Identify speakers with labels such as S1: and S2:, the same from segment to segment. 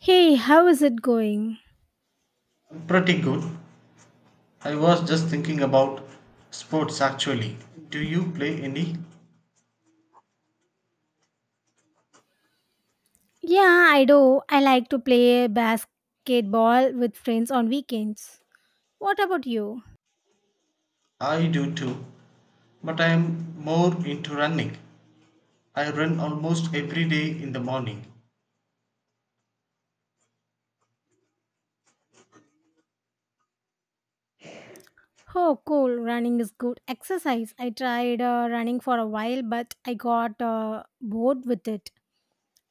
S1: Hey, how is it going?
S2: Pretty good. I was just thinking about sports actually. Do you play any?
S1: Yeah, I do. I like to play basketball with friends on weekends. What about you?
S2: I do too, but I am more into running. I run almost every day in the morning.
S1: Oh, cool. Running is good exercise. I tried running for a while, but I got bored with it.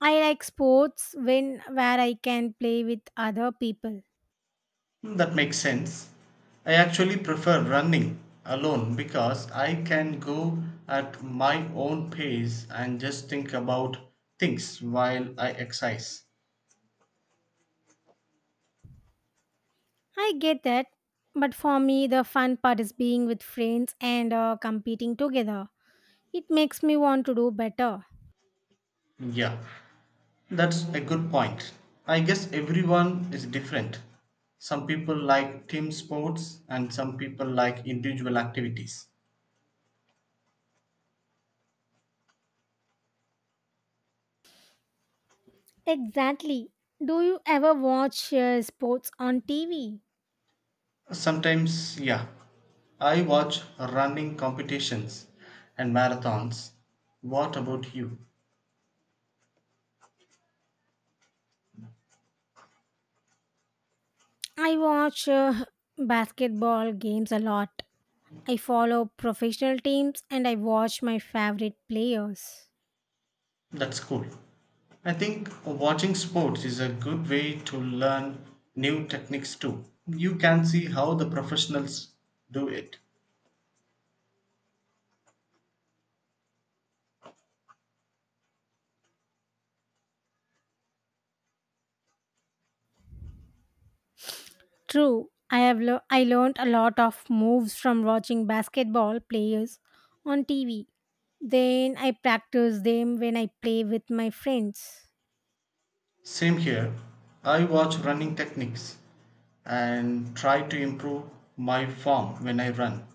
S1: I like sports when where I can play with other people.
S2: That makes sense. I actually prefer running alone because I can go at my own pace and just think about things while I exercise.
S1: I get that, but for me, the fun part is being with friends and competing together. It makes me want to do better.
S2: Yeah, that's a good point. I guess everyone is different. Some people like team sports and some people like individual activities.
S1: Exactly. Do you ever watch sports on TV?
S2: Sometimes, yeah, I watch running competitions and marathons. What about you?
S1: I watch basketball games a lot. I follow professional teams and I watch my favorite players.
S2: That's cool. I think watching sports is a good way to learn new techniques too. You can see how the professionals do it.
S1: True, I learned a lot of moves from watching basketball players on TV. Then I practice them when I play with my friends.
S2: Same here. I watch running techniques and try to improve my form when I run.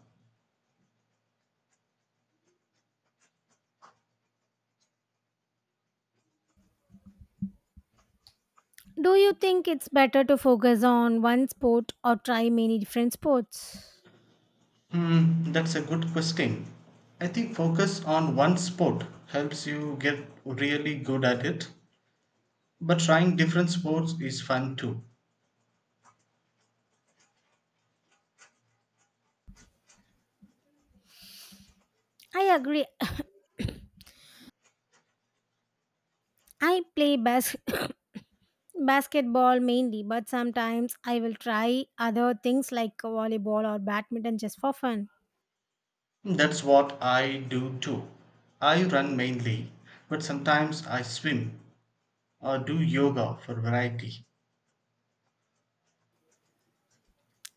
S1: Do you think it's better to focus on one sport or try many different sports?
S2: That's a good question. I think focus on one sport helps you get really good at it, but trying different sports is fun too.
S1: I agree. I play bas- basketball mainly, but sometimes I will try other things like volleyball or badminton just for fun.
S2: That's what I do too. I run mainly, but sometimes I swim or do yoga for variety.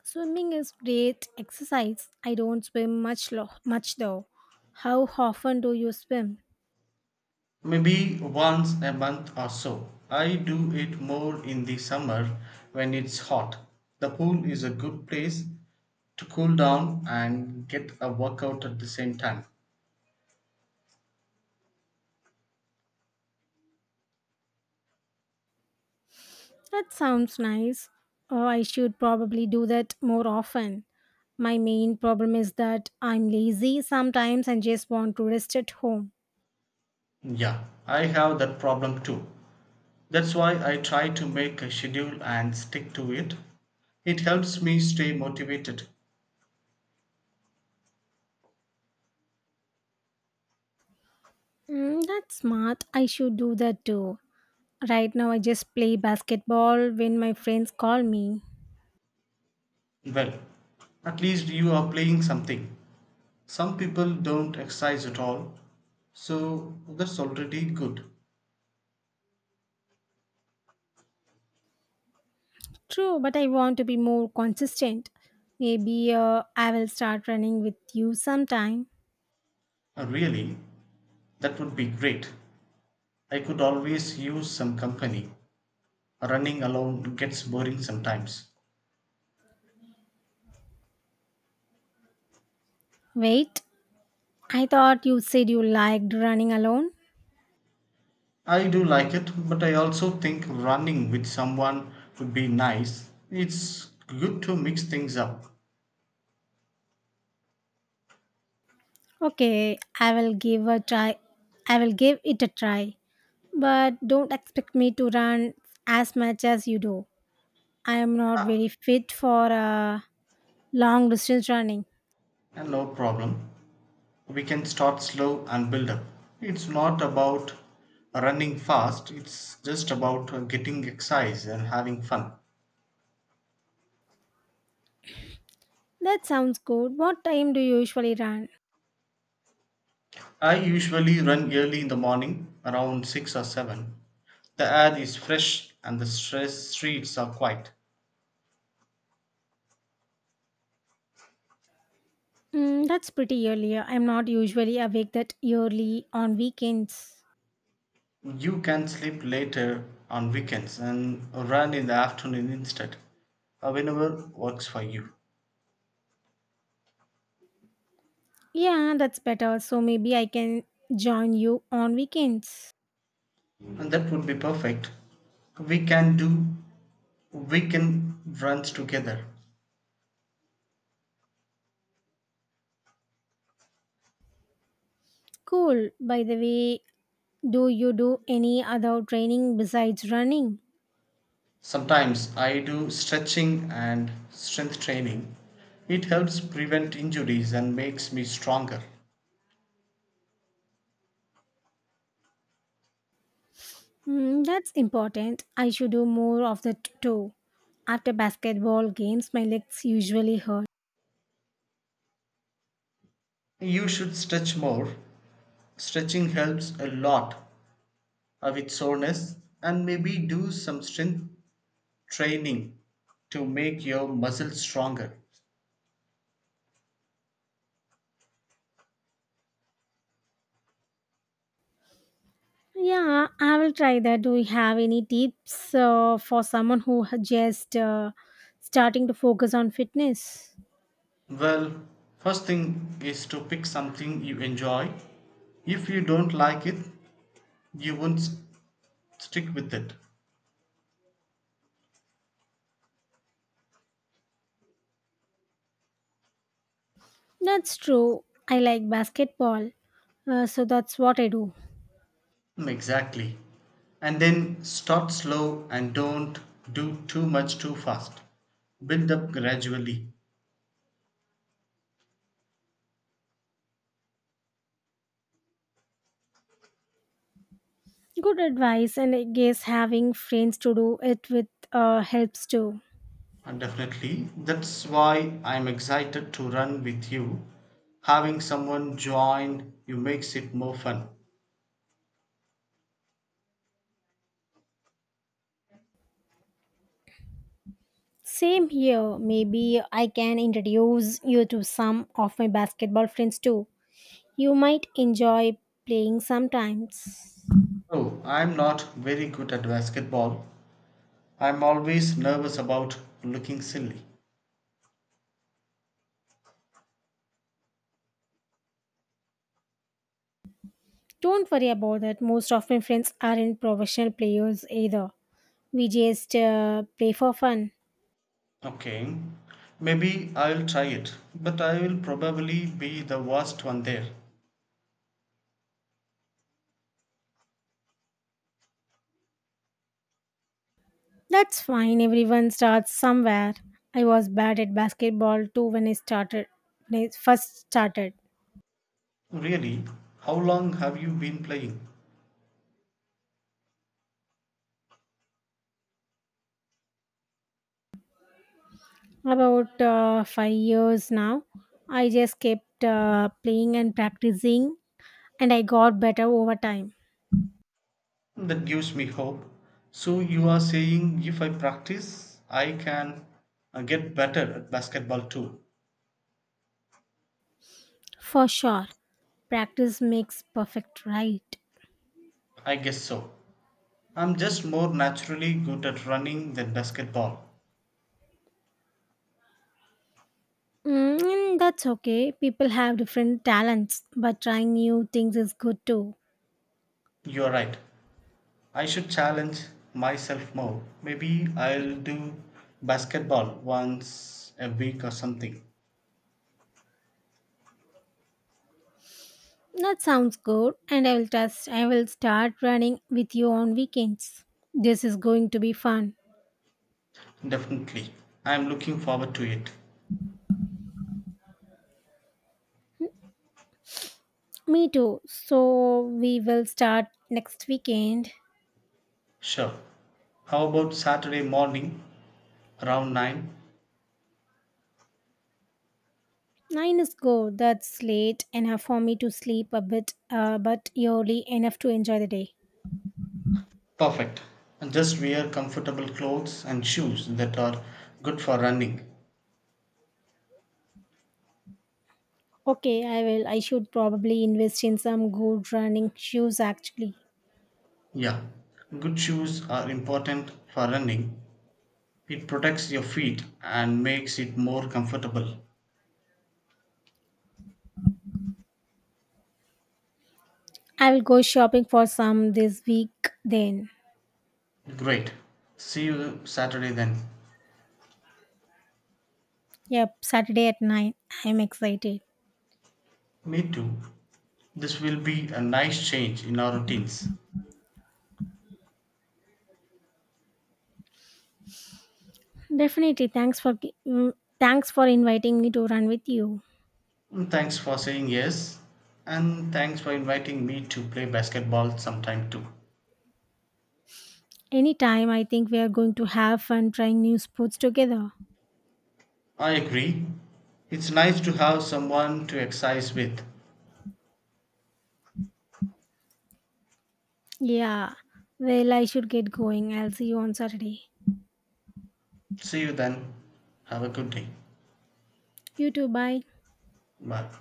S1: Swimming is great exercise. I don't swim much though. How often do you swim?
S2: Maybe once a month or so. I do it more in the summer when it's hot. The pool is a good place to cool down and get a workout at the same time.
S1: That sounds nice. Oh, I should probably do that more often. My main problem is that I'm lazy sometimes and just want to rest at home.
S2: Yeah, I have that problem too. That's why I try to make a schedule and stick to it. It helps me stay motivated.
S1: Mm, that's smart. I should do that too. Right now, I just play basketball when my friends call me.
S2: Well, at least you are playing something. Some people don't exercise at all, so that's already good.
S1: True, but I want to be more consistent. Maybe I will start running with you sometime.
S2: Really, that would be great. I could always use some company. Running alone gets boring sometimes.
S1: Wait, I thought you said you liked running alone.
S2: I do like it, but I also think running with someone would be nice. It's good to mix things up.
S1: Okay, I will give it a try. But don't expect me to run as much as you do. I am not very fit for long distance running.
S2: And no problem. We can start slow and build up. It's not about running fast, it's just about getting exercise and having fun.
S1: That sounds good. What time do you usually run?
S2: I usually run early in the morning, around 6 or 7. The air is fresh and the stress streets are quiet.
S1: Mm, that's pretty early. I'm not usually awake that early on weekends.
S2: You can sleep later on weekends and run in the afternoon instead, whenever works for you.
S1: Yeah, that's better. So maybe I can join you on weekends.
S2: And that would be perfect. We can do weekend runs together.
S1: Cool. By the way, do you do any other training besides running?
S2: Sometimes I do stretching and strength training. It helps prevent injuries and makes me stronger.
S1: Mm, that's important. I should do more of that too. After basketball games, my legs usually hurt.
S2: You should stretch more. Stretching helps a lot with soreness, and maybe do some strength training to make your muscles stronger.
S1: Yeah, I will try that. Do you have any tips for someone who ha- just starting to focus on fitness?
S2: Well, first thing is to pick something you enjoy. If you don't like it, you won't s- stick with it.
S1: That's true. I like basketball, so that's what I do.
S2: Mm, exactly. And then start slow and don't do too much too fast. Build up gradually.
S1: Good advice, and I guess having friends to do it with helps too.
S2: And definitely, that's why I'm excited to run with you. Having someone join you makes it more fun.
S1: Same here. Maybe I can introduce you to some of my basketball friends too. You might enjoy playing sometimes.
S2: Oh, I'm not very good at basketball. I'm always nervous about looking silly.
S1: Don't worry about that. Most of my friends aren't professional players either. We just play for fun.
S2: Okay, maybe I'll try it, but I will probably be the worst one there.
S1: That's fine, everyone starts somewhere. I was bad at basketball too when I started, when I first started.
S2: Really? How long have you been playing?
S1: About 5 years now, I just kept playing and practicing, and I got better over time.
S2: That gives me hope. So you are saying if I practice, I can get better at basketball too?
S1: For sure, practice makes perfect, right?
S2: I guess so. I'm just more naturally good at running than basketball.
S1: Mm, and that's okay. People have different talents, but trying new things is good too.
S2: You're right. I should challenge myself more. Maybe I'll do basketball once a week or something.
S1: That sounds good, and I will start running with you on weekends. This is going to be fun.
S2: Definitely. I'm looking forward to it.
S1: Me too. So we will start next weekend.
S2: Sure. How about Saturday morning around 9?
S1: Nine is good. That's late enough for me to sleep a bit, but early enough to enjoy the day.
S2: Perfect. And just wear comfortable clothes and shoes that are good for running.
S1: Okay, I will. I should probably invest in some good running shoes. Actually,
S2: Yeah, good shoes are important for running. It protects your feet and makes it more comfortable.
S1: I will go shopping for some this week. Then,
S2: Great. See you Saturday then.
S1: yep, Saturday at 9. I'm excited.
S2: Me too. This will be a nice change in our routines.
S1: Definitely. Thanks for inviting me to run with you.
S2: Mm, thanks for saying yes. And thanks for inviting me to play basketball sometime too.
S1: Anytime, I think we are going to have fun trying new sports together.
S2: I agree. It's nice to have someone to exercise with.
S1: Yeah. Well, I should get going. I'll see you on Saturday.
S2: See you then. Have a good day.
S1: You too. Bye.
S2: Bye.